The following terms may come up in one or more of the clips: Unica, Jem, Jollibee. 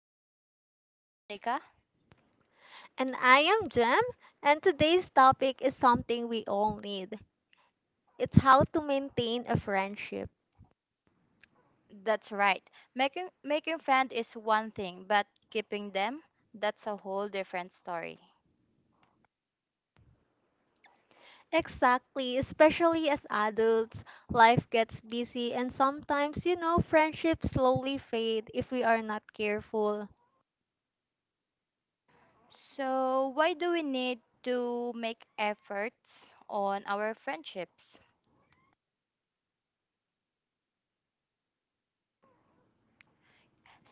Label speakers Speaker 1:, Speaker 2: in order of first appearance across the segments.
Speaker 1: I am Unica.
Speaker 2: And I am Jem, and today's topic is something we all need. It's how to maintain a friendship.
Speaker 1: That's right. Making friends is one thing, but keeping them, that's a whole different story.
Speaker 2: Exactly, especially as adults, life gets busy and sometimes, you know, friendships slowly fade if we are not careful.
Speaker 1: So, why do we need to make efforts on our friendships?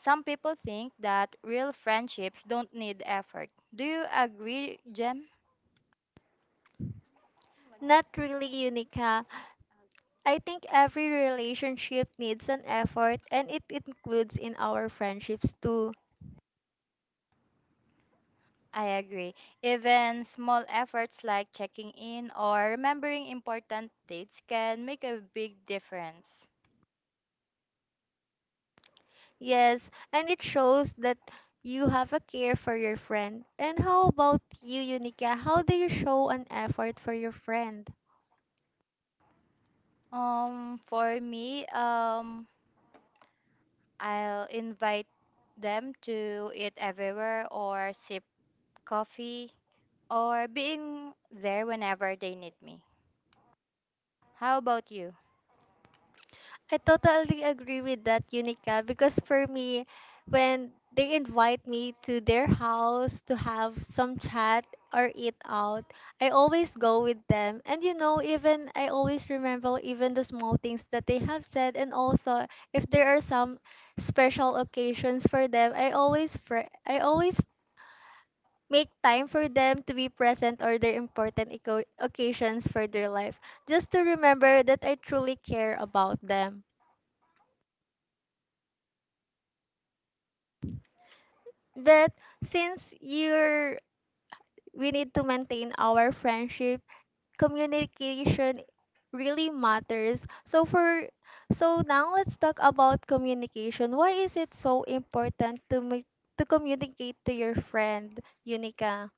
Speaker 1: Some people think that real friendships don't need effort. Do you agree, Jem?
Speaker 2: Not really, Unica. I think every relationship needs an effort and it includes in our friendships too.
Speaker 1: I agree. Even small efforts like checking in or remembering important dates can make a big difference.
Speaker 2: Yes, and it shows that you have a care for your friend. And how about you, Unica? How do you show an effort for your friend?
Speaker 1: For me, I'll invite them to eat everywhere or sip coffee or being there whenever they need me. How about you?
Speaker 2: I totally agree with that, Unica, because for me, when they invite me to their house to have some chat or eat out, I always go with them. And you know, even I always remember even the small things that they have said, and also if there are some special occasions for them, I always make time for them to be present or their occasions for their life, just to remember that I truly care about them. But since you're we need to maintain our friendship, communication really matters. So now let's talk about communication. Why is it so important to make to communicate to your friend, Unica?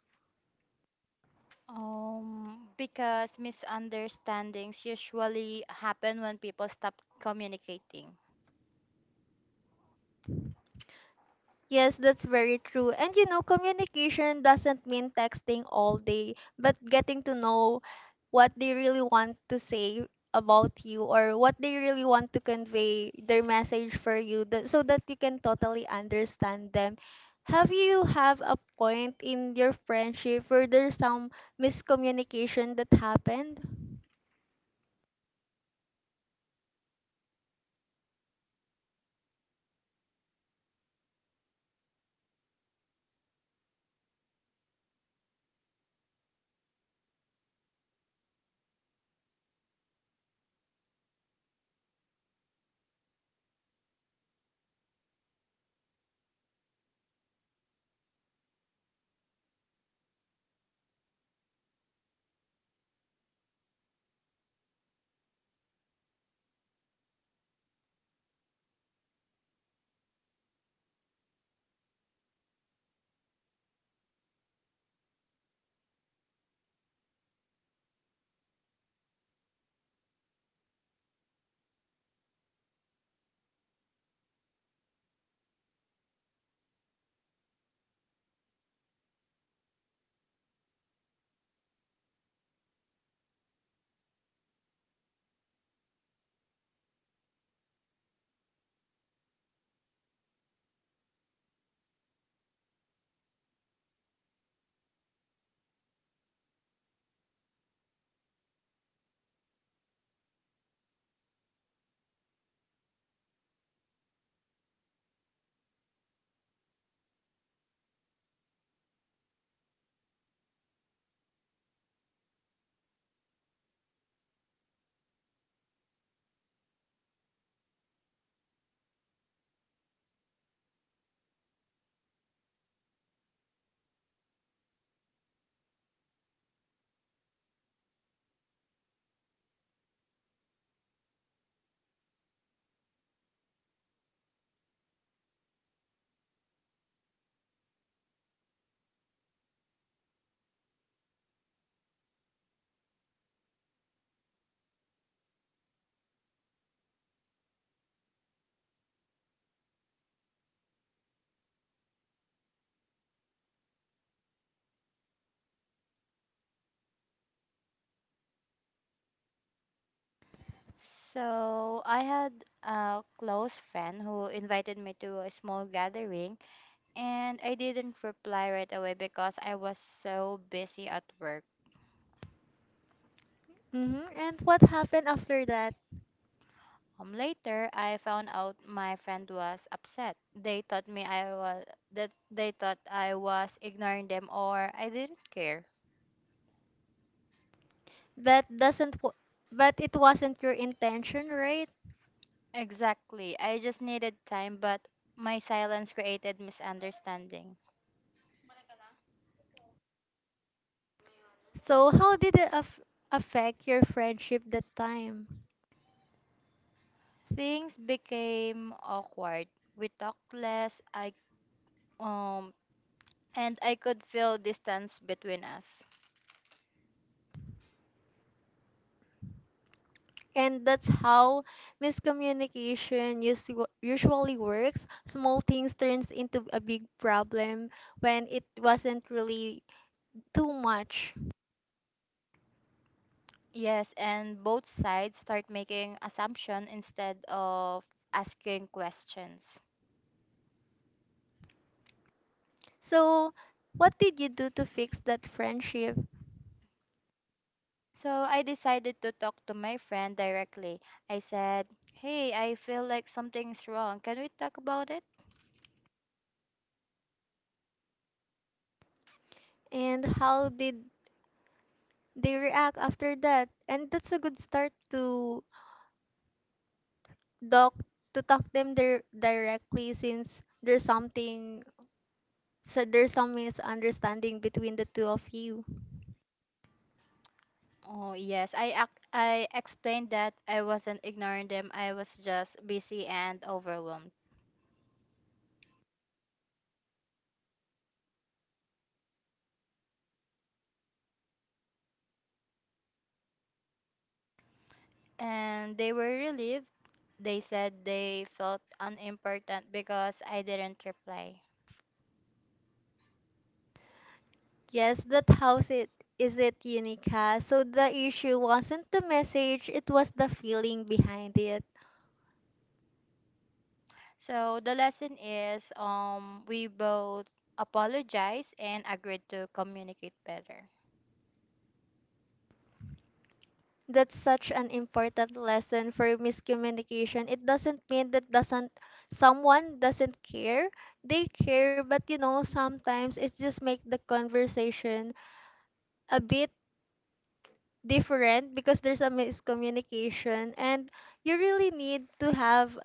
Speaker 1: Because misunderstandings usually happen when people stop communicating.
Speaker 2: Yes, that's very true. And you know, communication doesn't mean texting all day, but getting to know what they really want to say about you or what they really want to convey their message for you that, so that you can totally understand them. Have you have a point in your friendship where there's some miscommunication that happened?
Speaker 1: So I had a close friend who invited me to a small gathering, and I didn't reply right away because I was so busy at work.
Speaker 2: And what happened after that?
Speaker 1: Later, I found out my friend was upset. They thought me I was that they thought I was ignoring them or I didn't care.
Speaker 2: That doesn't wa- But it wasn't your intention, right?
Speaker 1: Exactly. I just needed time, but my silence created misunderstanding.
Speaker 2: So, how did affect your friendship that time?
Speaker 1: Things became awkward. We talked less. I um and I could feel distance between us.
Speaker 2: And that's how usually works. Small things turns into a big problem when it wasn't really too much.
Speaker 1: Yes, and both sides start making assumption instead of asking questions.
Speaker 2: So, what did you do to fix that friendship?
Speaker 1: So I decided to talk to my friend directly. I said, "Hey, I feel like something's wrong. Can we talk about it?"
Speaker 2: And how did they react after that? And that's a good start to talk talk them there directly since there's something. So there's some misunderstanding between the two of you.
Speaker 1: Oh, yes. I explained that I wasn't ignoring them. I was just busy and overwhelmed. And they were relieved. They said they felt unimportant because I didn't reply.
Speaker 2: Yes, that house it is it Unica. So the issue wasn't the message, it was the feeling behind it.
Speaker 1: So the lesson is we both apologized and agreed to communicate better.
Speaker 2: That's such an important lesson for miscommunication. It doesn't mean that doesn't someone doesn't care. They care, but you know, sometimes it's just make the conversation a bit different because there's a miscommunication and you really need to have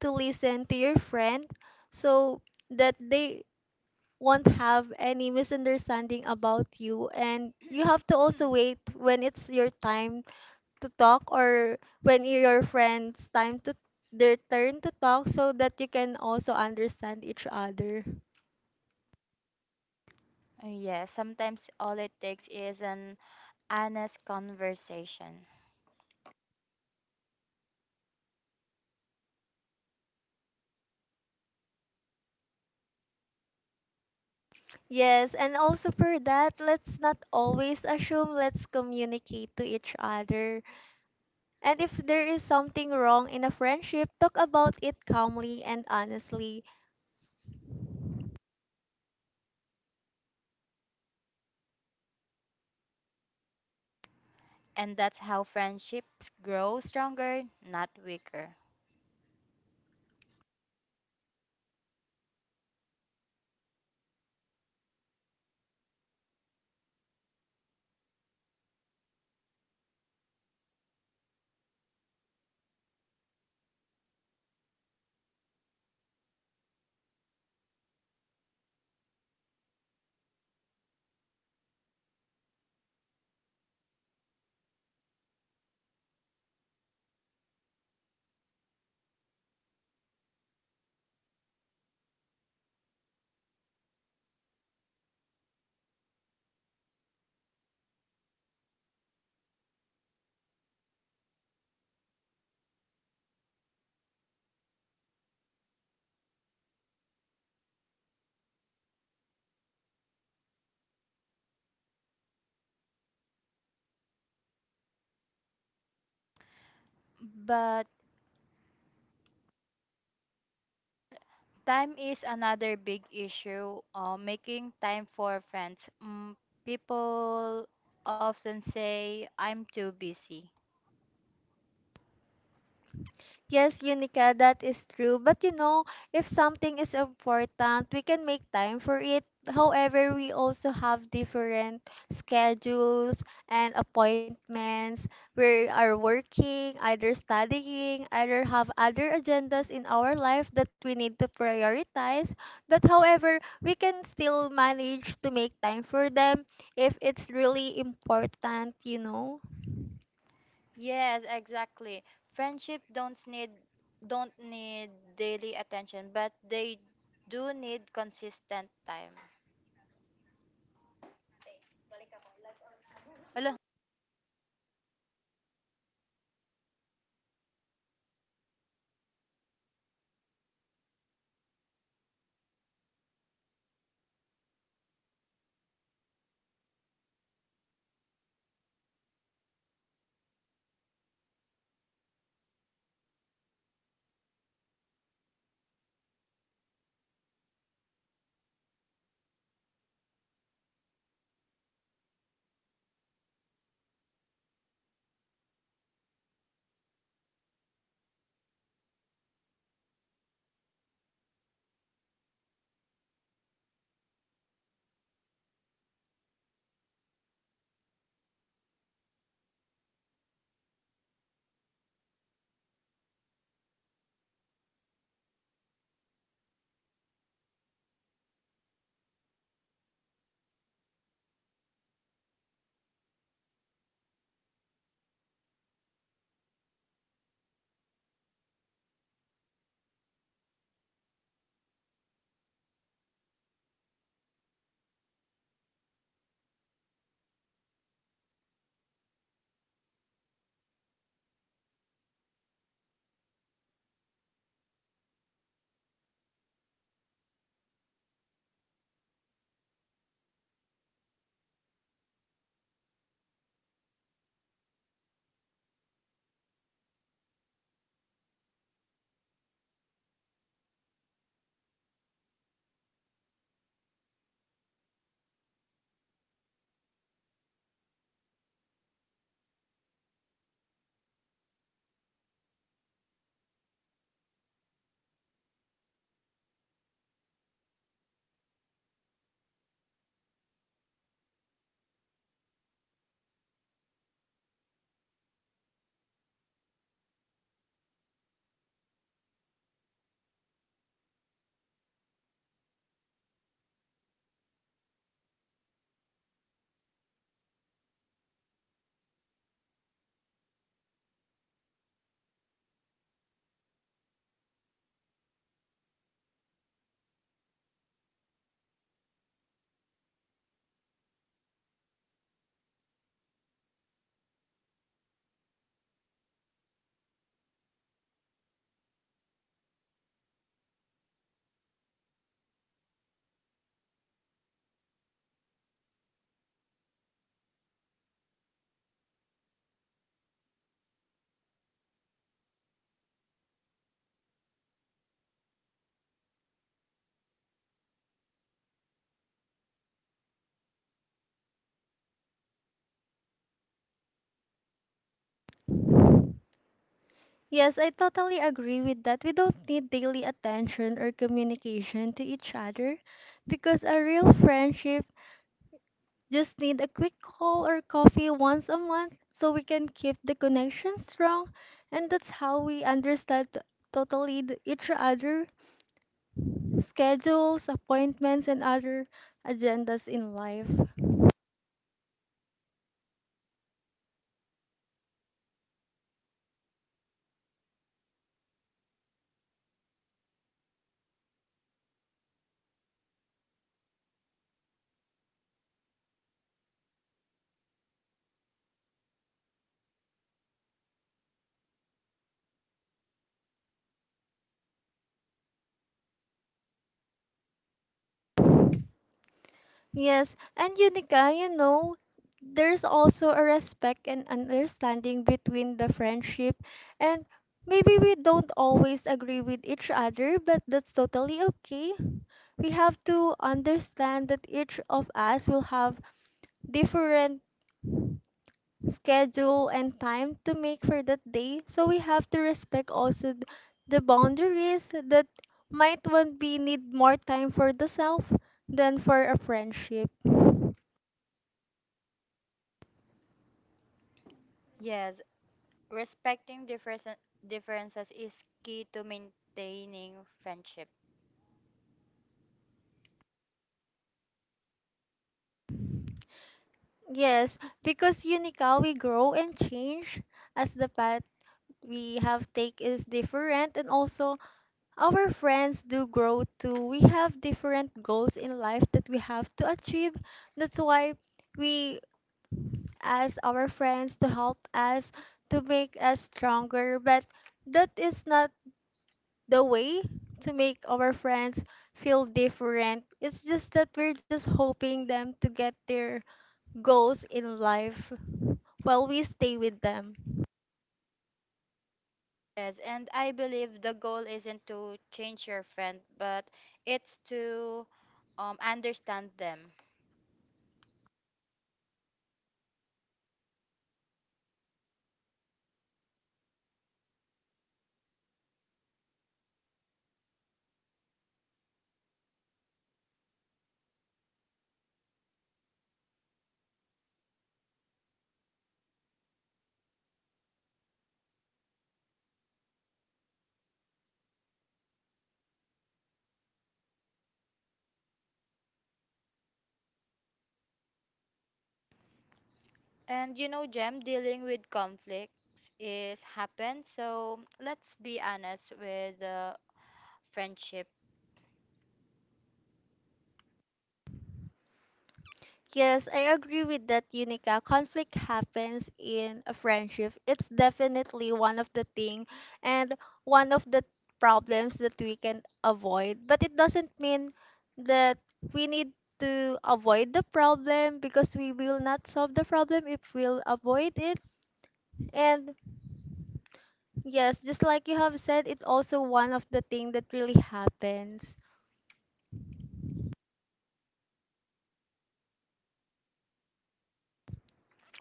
Speaker 2: to listen to your friend so that they won't have any misunderstanding about you, and you have to also wait when it's your time to talk or when your friend's time to their turn to talk so that you can also understand each other.
Speaker 1: Yeah, sometimes all it takes is an honest conversation.
Speaker 2: Yes, and also for that, let's not always assume, let's communicate to each other. And if there is something wrong in a friendship, talk about it calmly and honestly.
Speaker 1: And that's how friendships grow stronger, not weaker. But time is another big issue. Making time for friends. People often say, I'm too busy.
Speaker 2: Yes, Unica, that is true. But you know, if something is important, we can make time for it. However, we also have different schedules and appointments. We are working, either studying, either have other agendas in our life that we need to prioritize. But however, we can still manage to make time for them if it's really important, you know.
Speaker 1: Yes, exactly. Friendship don't need daily attention, but they do need consistent time. Hello.
Speaker 2: Yes, I totally agree with that. We don't need daily attention or communication to each other because a real friendship just need a quick call or coffee once a month so we can keep the connection strong, and that's how we understand totally each other schedules, appointments and other agendas in life. Yes, and Unica, you know, there's also a respect and understanding between the friendship, and maybe we don't always agree with each other, but that's totally okay. We have to understand that each of us will have different schedule and time to make for that day, so we have to respect also the boundaries that might one be need more time for the self than for a friendship.
Speaker 1: Yes, respecting differences is key to maintaining friendship.
Speaker 2: Yes, because Yunikawi grow and change as the path we have take is different and also our friends do grow too. We have different goals in life that we have to achieve. That's why we ask our friends to help us to make us stronger, but that is not the way to make our friends feel different. It's just that we're just hoping them to get their goals in life while we stay with them.
Speaker 1: Yes, and I believe the goal isn't to change your friend, but it's to understand them. And you know, Jem, dealing with conflicts is happen. So let's be honest with friendship.
Speaker 2: Yes, I agree with that, Unica. Conflict happens in a friendship. It's definitely one of the thing and one of the problems that we can avoid. But it doesn't mean that we need to avoid the problem because we will not solve the problem if we'll avoid it. And yes, just like you have said, it's also one of the thing that really happens.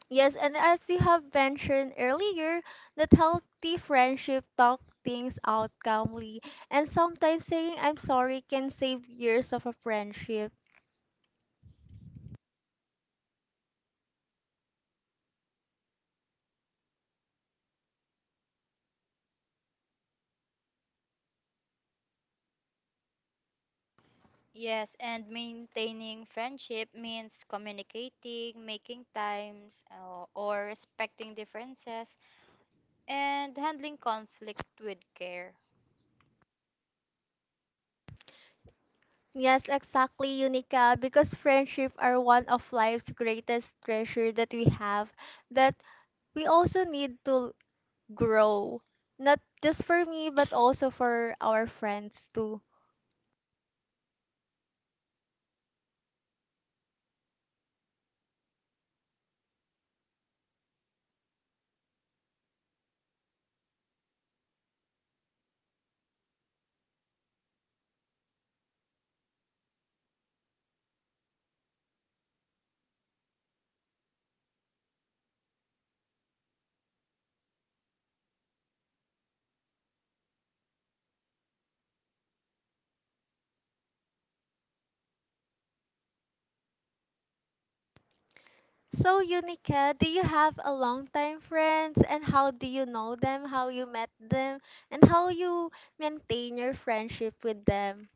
Speaker 2: Yes, and as you have mentioned earlier, that healthy friendship talk things out calmly, and sometimes saying I'm sorry can save years of a friendship.
Speaker 1: Yes, and maintaining friendship means communicating, making times, or respecting differences, and handling conflict with care.
Speaker 2: Yes, exactly, Unica, because friendship are one of life's greatest treasure that we have, but we also need to grow. Not just for me, but also for our friends too. So, Unica, do you have a long-time friends and how do you know them, how you met them, and how you maintain your friendship with them?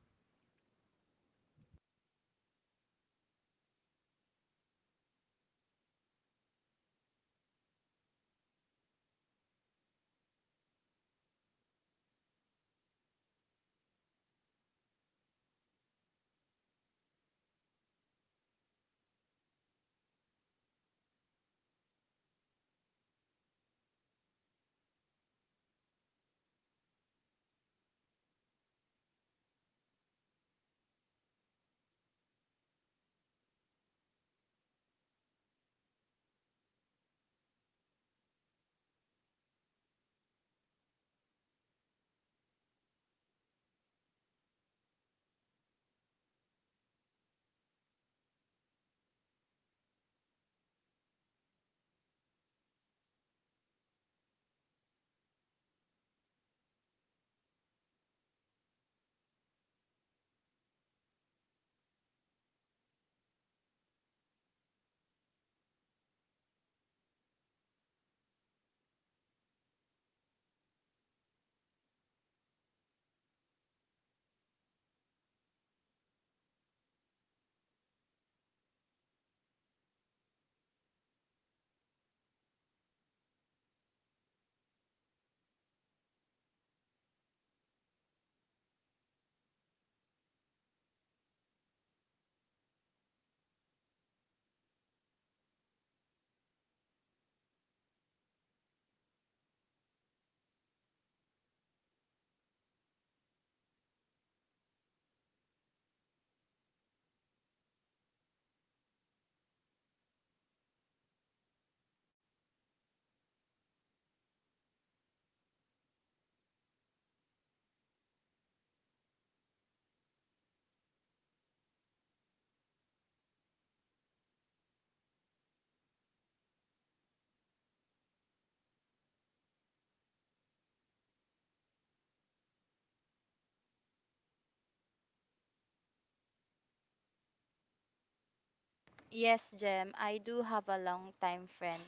Speaker 1: Yes, Jem, I do have a long time friend.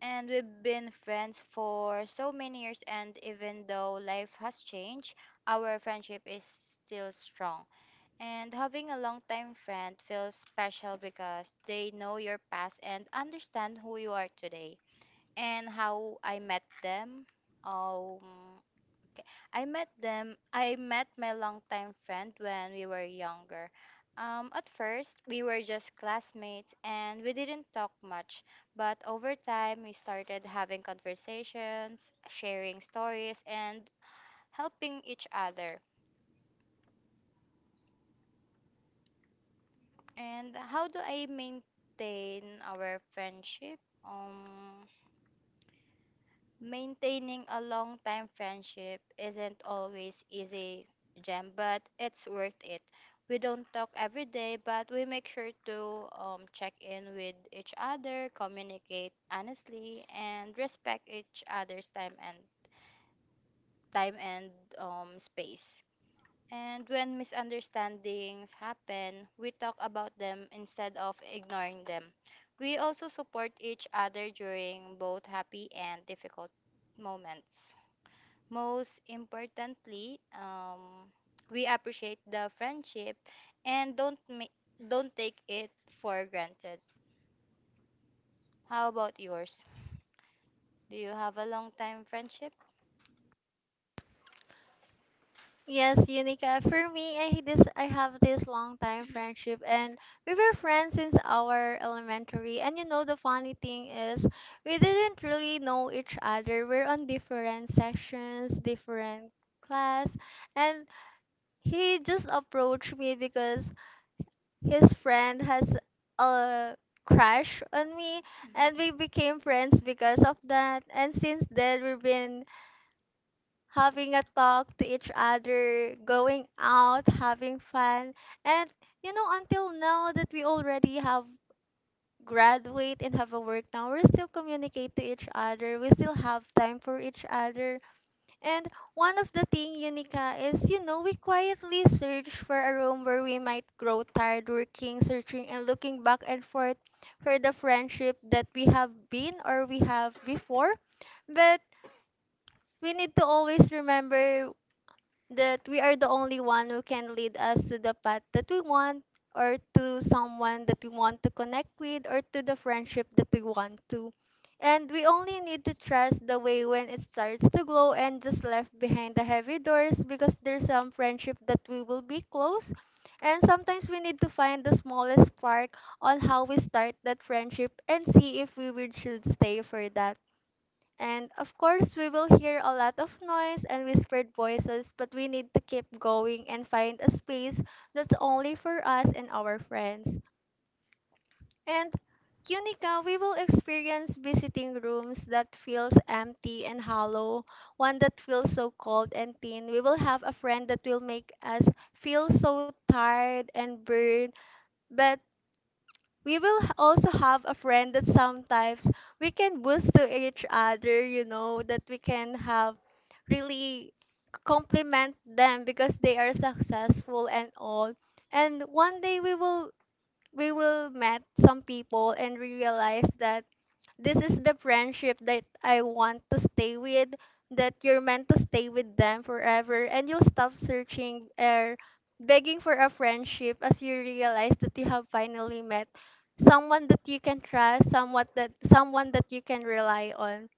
Speaker 1: And we've been friends for so many years, and even though life has changed, our friendship is still strong. And having a long time friend feels special because they know your past and understand who you are today. And how I met them. Um, Okay. I met them. I met my longtime friend when we were younger. At first, we were just classmates and we didn't talk much. But over time, we started having conversations, sharing stories, and helping each other. And how do I maintain our friendship? Maintaining a long time friendship isn't always easy, Jem, but it's worth it. We don't talk every day, but we make sure to check in with each other, communicate honestly, and respect each other's time and space. And when misunderstandings happen, we talk about them instead of ignoring them. We also support each other during both happy and difficult moments. Most importantly, we appreciate the friendship and don't take it for granted. How about yours? Do you have a long time friendship?
Speaker 2: Yes, Unica. For me, I have this long-time friendship and we were friends since our elementary. And you know the funny thing is we didn't really know each other. We're on different sections, different class, and he just approached me because his friend has a crush on me, and we became friends because of that. And since then we've been having a talk to each other, going out, having fun. And you know, until now that we already have graduate and have a work now, we still communicate to each other, we still have time for each other. And one of the thing, Unica, is you know, we quietly search for a room where we might grow tired working, searching and looking back and forth for the friendship that we have been or we have before. But we need to always remember that we are the only one who can lead us to the path that we want, or to someone that we want to connect with, or to the friendship that we want to. And we only need to trust the way when it starts to glow and just left behind the heavy doors because there's some friendship that we will be close. And sometimes we need to find the smallest spark on how we start that friendship and see if we would should stay for that. And of course, we will hear a lot of noise and whispered voices, but we need to keep going and find a space that's only for us and our friends. And Unica, we will experience visiting rooms that feels empty and hollow, one that feels so cold and thin. We will have a friend that will make us feel so tired and burned, but we will also have a friend that sometimes we can boost to each other, you know, that we can have really compliment them because they are successful and all. And one day we will met some people and realize that this is the friendship that I want to stay with, that you're meant to stay with them forever, and you'll stop searching or begging for a friendship as you realize that you have finally met someone that you can trust, someone that you can rely on.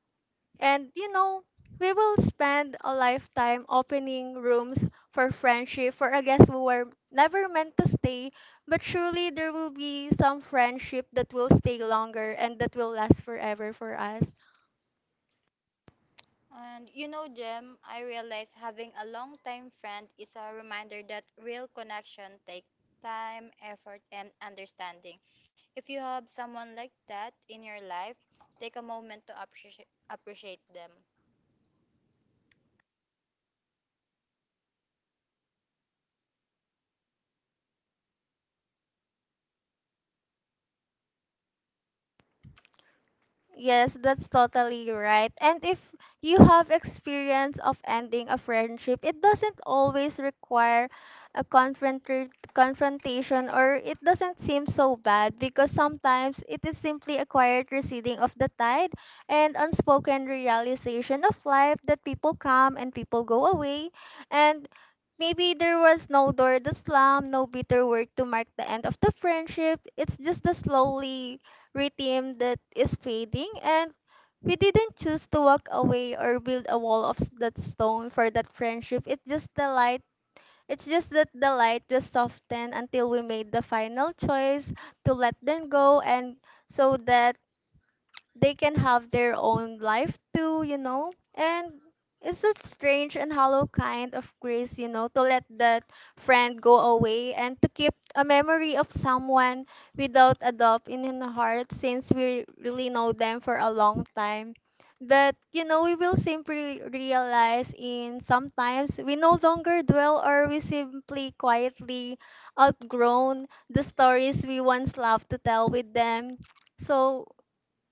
Speaker 2: And you know, we will spend a lifetime opening rooms for friendship for I guess we were never meant to stay, but surely there will be some friendship that will stay longer and that will last forever for us.
Speaker 1: And you know, Jem, I realize having a long time friend is a reminder that real connection takes time, effort, and understanding. If you have someone like that in your life, take a moment to appreciate them.
Speaker 2: Yes, that's totally right. And if you have experience of ending a friendship, it doesn't always require a confrontation, or it doesn't seem so bad because sometimes it is simply a quiet receding of the tide and unspoken realization of life that people come and people go away, and maybe there was no door to slam, no bitter word to mark the end of the friendship. It's just the slowly rhythm that is fading, and we didn't choose to walk away or build a wall of that stone for that friendship. It's just the light. It's just that the light just softened until we made the final choice to let them go, and so that they can have their own life too, you know? And it's a strange and hollow kind of grace, you know, to let that friend go away and to keep a memory of someone without a doubt in the heart since we really know them for a long time. But you know, we will simply realize in sometimes we no longer dwell, or we simply quietly outgrown the stories we once loved to tell with them. So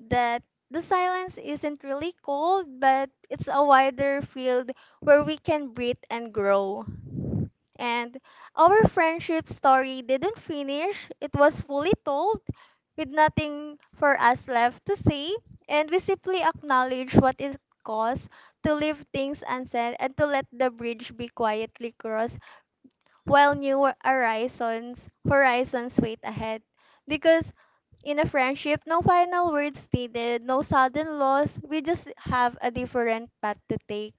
Speaker 2: that the silence isn't really cold, but it's a wider field where we can breathe and grow. And our friendship story didn't finish, it was fully told with nothing for us left to say. And we simply acknowledge what it costs to leave things unsaid and to let the bridge be quietly crossed while new horizons wait ahead, because in a friendship no final words needed, no sudden loss, we just have a different path to take.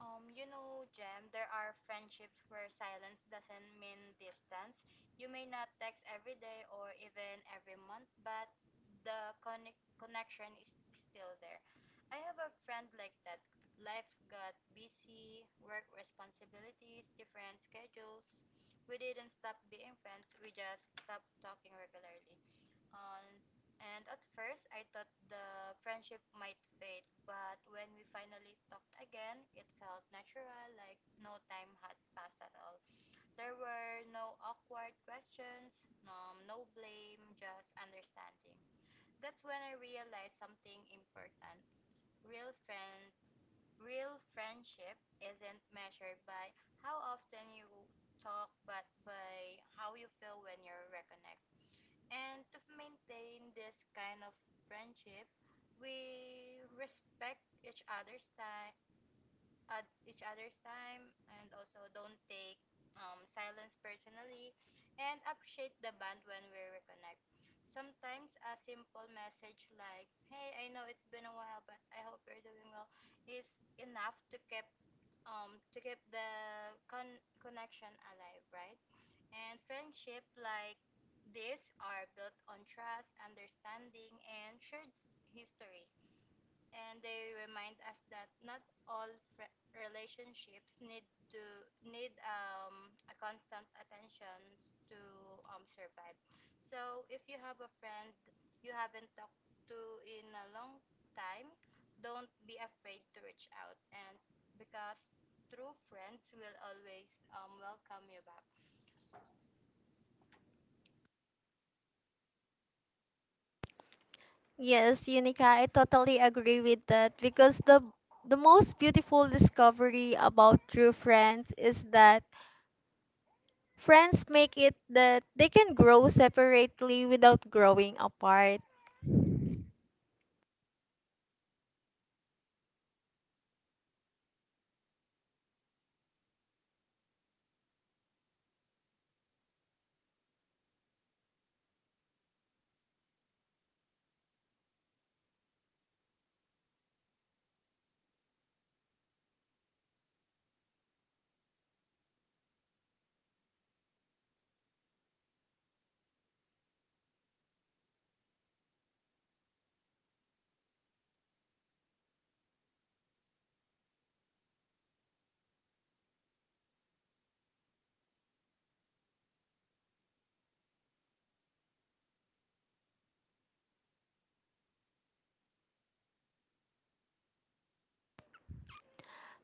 Speaker 1: You know, Jem, there are friendships where silence doesn't mean distance. You may not text every day or even every month, but the connection is still there. I have a friend like that. Life got busy, work responsibilities, different schedules. We didn't stop being friends, we just stopped talking regularly. And and at first, I thought the friendship might fade, but when we finally talked again, it felt natural, like no time had passed at all. There were no awkward questions, no blame, just understanding. That's when I realized something important. Real friends, Real friendship isn't measured by how often you talk, but by how you feel when you're reconnected. And to maintain this kind of friendship, we respect each other's time, at each other's time, and also don't take silence personally, and appreciate the bond when we reconnect. Sometimes a simple message like "Hey, I know it's been a while, but I hope you're doing well" is enough to keep the connection alive, right? And friendship like this are built on trust, understanding, and shared history, and they remind us that not all relationships to need a constant attention to survive. So if you have a friend you haven't talked to in a long time, don't be afraid to reach out and because true friends will always welcome you back.
Speaker 2: Yes, Unica, I totally agree with that because the most beautiful discovery about true friends is that friends make it that they can grow separately without growing apart.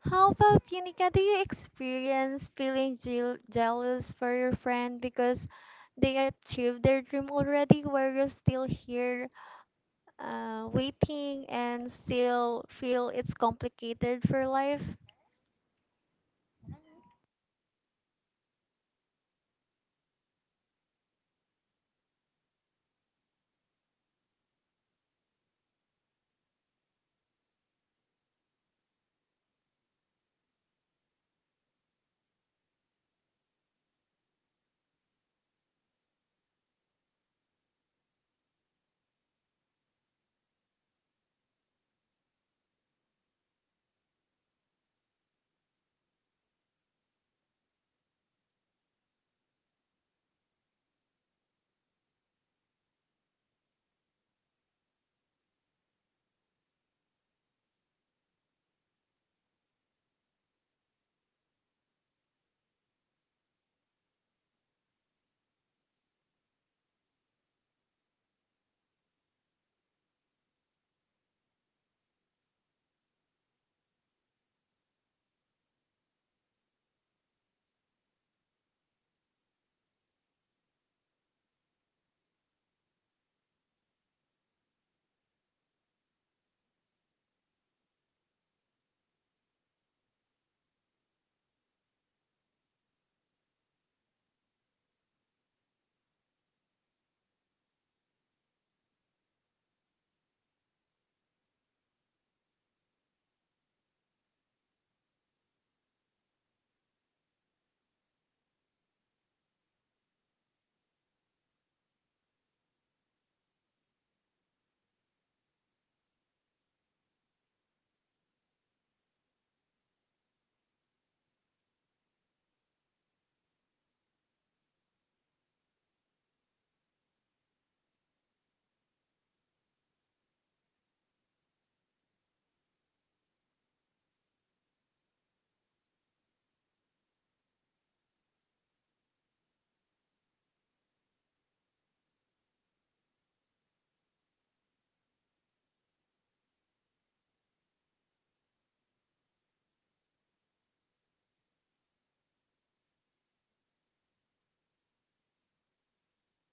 Speaker 2: How about you, Nika? Do you experience feeling jealous for your friend because they achieved their dream already, where you're still here waiting and still feel it's complicated for life?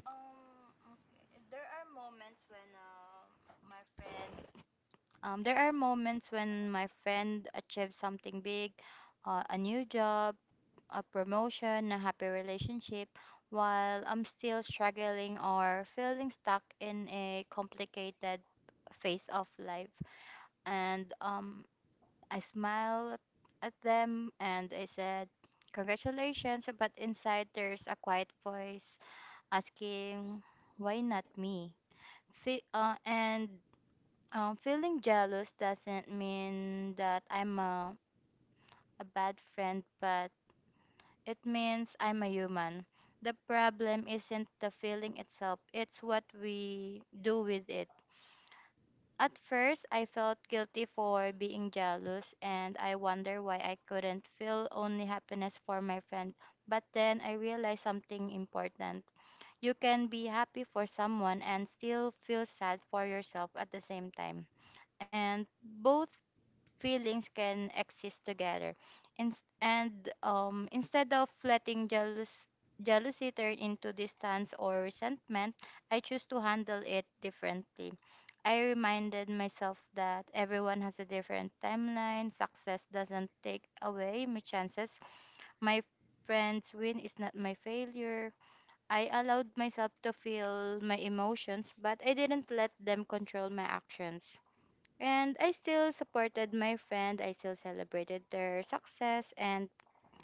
Speaker 1: Um, okay. My friend there are moments when my friend achieves something big, a new job, a promotion, a happy relationship, while I'm still struggling or feeling stuck in a complicated phase of life. And I smile at them and I said, Congratulations, but inside there's a quiet voice asking, Why not me? Fe- and Feeling jealous doesn't mean that I'm a bad friend, but it means I'm a human. The problem isn't the feeling itself, it's what we do with it. At first, I felt guilty for being jealous, and I wonder why I couldn't feel only happiness for my friend. But then I realized something important. You can be happy for someone and still feel sad for yourself at the same time, and both feelings can exist together. In, and Instead of jealousy turn into distance or resentment, I choose to handle it differently. I reminded myself that everyone has a different timeline. Success doesn't take away my chances. My friend's win is not my failure. I allowed myself to feel my emotions, but I didn't let them control my actions. And I still supported my friend. I still celebrated their success. And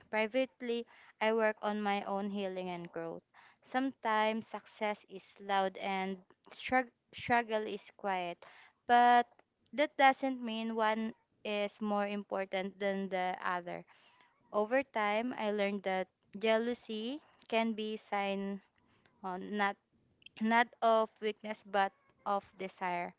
Speaker 1: privately, I work on my own healing and growth. Sometimes success is loud and struggle is quiet. But that doesn't mean one is more important than the other. Over time, I learned that jealousy can be sign on not of weakness but of desire.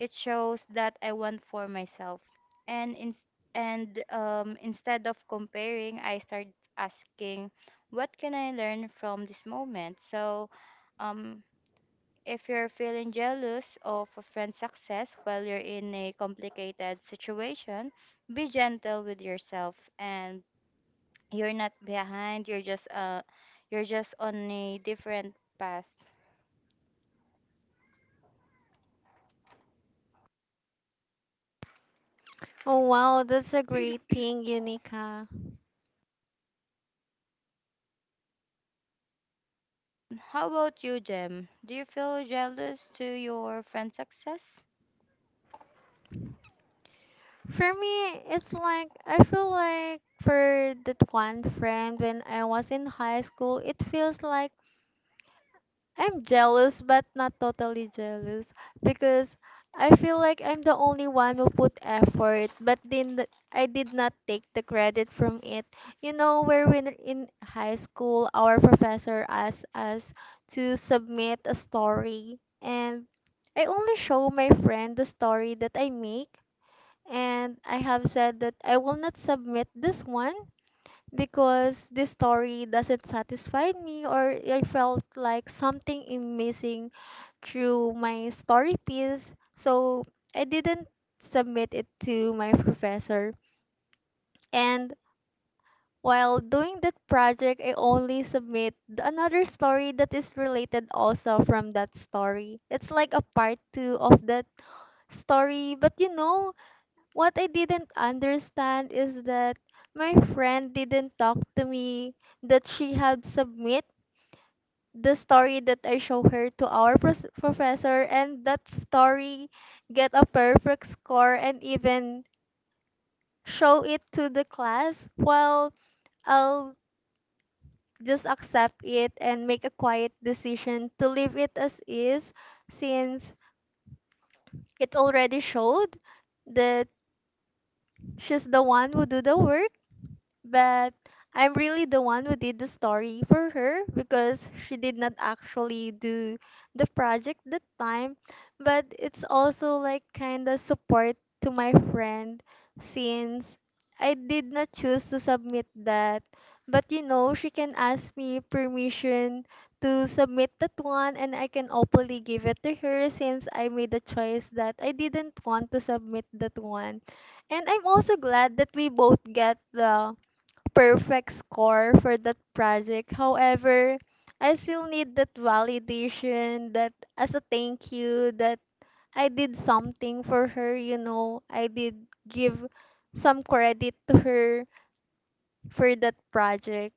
Speaker 1: It shows that I want for myself. And Instead of comparing, I start asking, what can I learn from this moment? So, um, if you're feeling jealous of a friend's success while you're in a complicated situation, be gentle with yourself, and you're not behind. You're just on a different path.
Speaker 2: Oh, wow, that's a great thing, Unica.
Speaker 1: How about you, Jem? Do you feel jealous to your friend's success?
Speaker 2: For me, it's like I feel like for that one friend when I was in high school, it feels like I'm jealous, but not totally jealous because I feel like I'm the only one who put effort, but then I did not take the credit from it. You know, where when in high school, our professor asked us to submit a story, and I only show my friend the story that I make, and I have said that I will not submit this one because this story doesn't satisfy me or I felt like something is missing through my story piece. So I didn't submit it to my professor. And while doing that project, I only submit another story that is related also from that story. It's like a part two of that story, but you know, what I didn't understand is that my friend didn't talk to me that she had submit the story that I show her to our professor, and that story get a perfect score and even show it to the class, while I'll just accept it and make a quiet decision to leave it as is since it already showed that she's the one who do the work, but I'm really the one who did the story for her because she did not actually do the project that time. But it's also like kind of support to my friend since I did not choose to submit that. But you know, she can ask me permission to submit that one and I can openly give it to her since I made a choice that I didn't want to submit that one. And I'm also glad that we both get the perfect score for that project. However, I still need that validation that, as a thank you, that I did something for her, you know. I did give some credit to her for that project.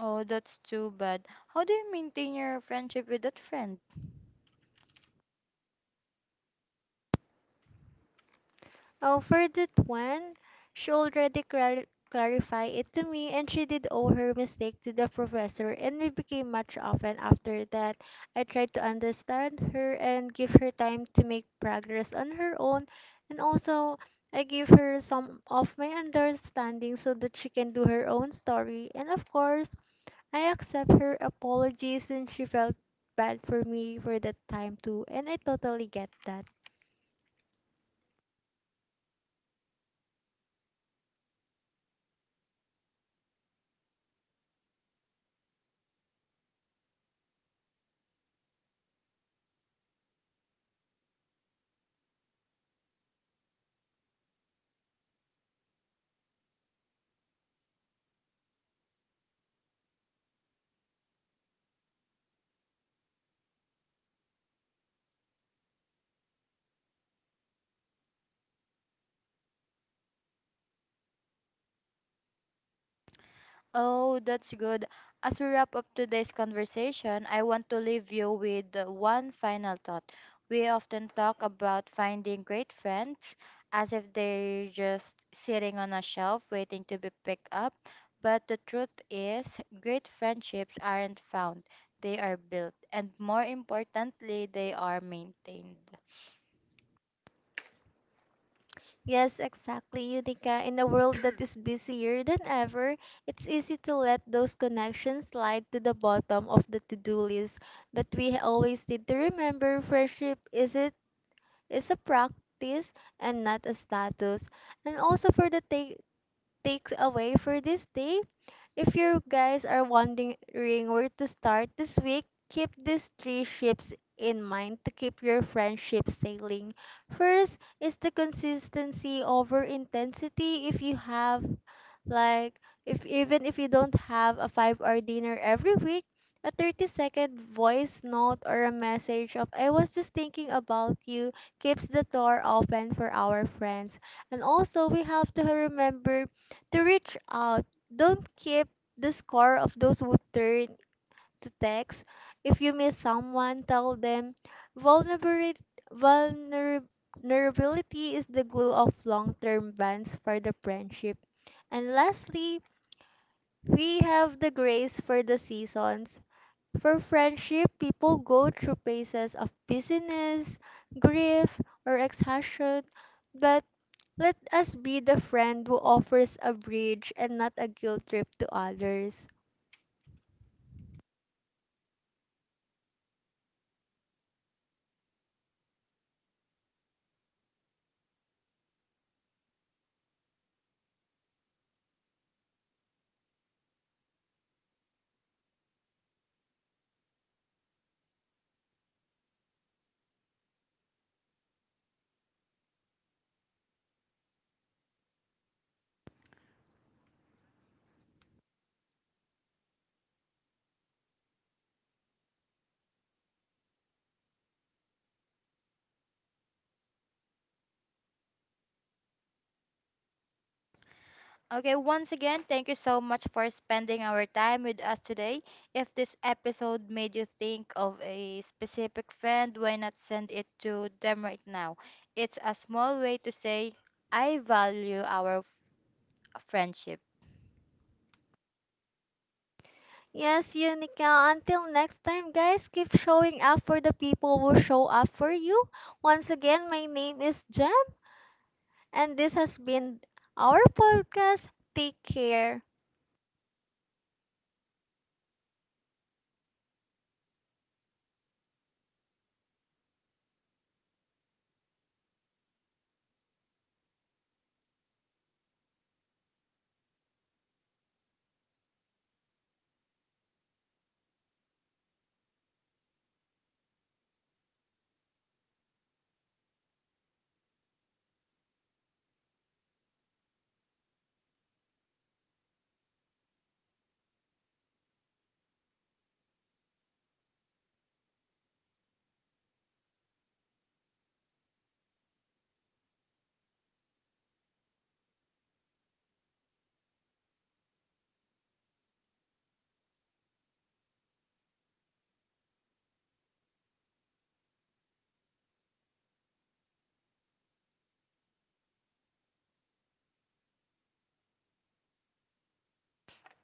Speaker 1: Oh, that's too bad. How do you maintain your friendship with that friend?
Speaker 2: Oh, for that one, she already clarified it to me and she did owe her mistake to the professor and we became much often after that. I tried to understand her and give her time to make progress on her own and also I gave her some of my understanding so that she can do her own story and of course I accept her apology since she felt bad for me for that time too and I totally get that.
Speaker 1: Oh, that's good. As we wrap up today's conversation, I want to leave you with one final thought. We often talk about finding great friends as if they're just sitting on a shelf waiting to be picked up, but the truth is, great friendships aren't found, they are built, and more importantly, they are maintained.
Speaker 2: Yes, exactly, Unica. In a world that is busier than ever, it's easy to let those connections slide to the bottom of the to-do list. But we always need to remember friendship is a practice and not a status. And also for the takes away for this day, if you guys are wondering where to start this week, keep these three ships in mind to keep your friendship sailing. First is the consistency over intensity. If you have like if even if you don't have a 5-hour dinner every week, a 30-second voice note or a message of "I was just thinking about you" keeps the door open for our friends. And also we have to remember to reach out. Don't keep the score of those who turn to text. If you miss someone, tell them. Vulnerability vulnerability is the glue of long term bonds for the friendship. And lastly, we have the grace for the seasons. For friendship, people go through phases of busyness, grief, or exhaustion. But let us be the friend who offers a bridge and not a guilt trip to others.
Speaker 1: Okay, once again, thank you so much for spending our time with us today. If this episode made you think of a specific friend, why not send it to them right now? It's a small way to say, I value our friendship.
Speaker 2: Yes, Unica. Until next time, guys, keep showing up for the people who show up for you. Once again, my name is Jem, and this has been our podcast. Take care.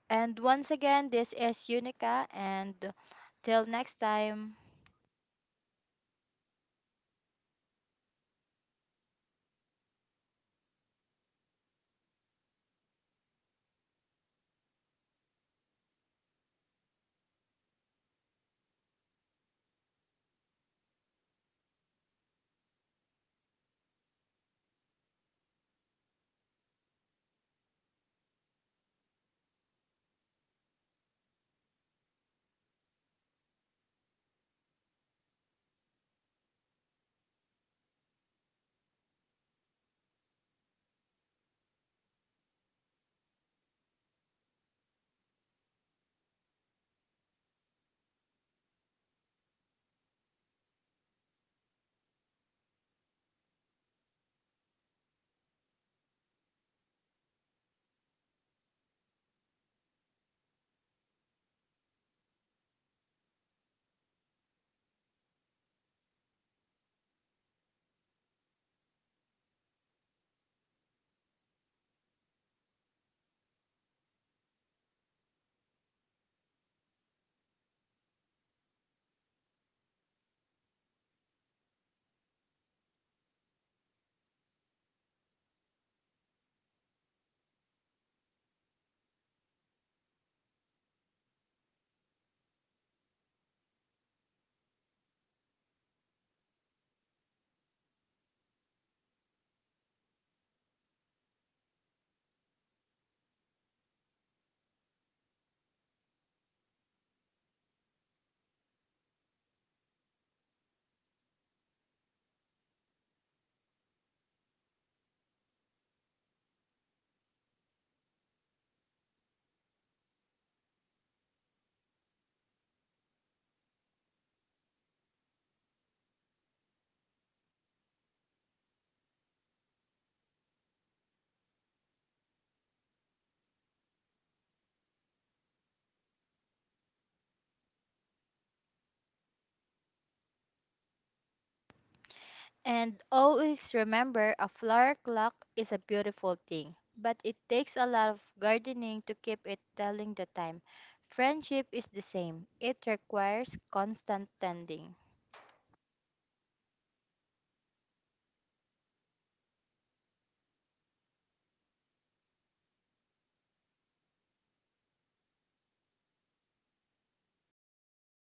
Speaker 1: And once again, this is Unica, and till next time. And always remember a flower clock is a beautiful thing, but it takes a lot of gardening to keep it telling the time. Friendship is the same, it requires constant tending.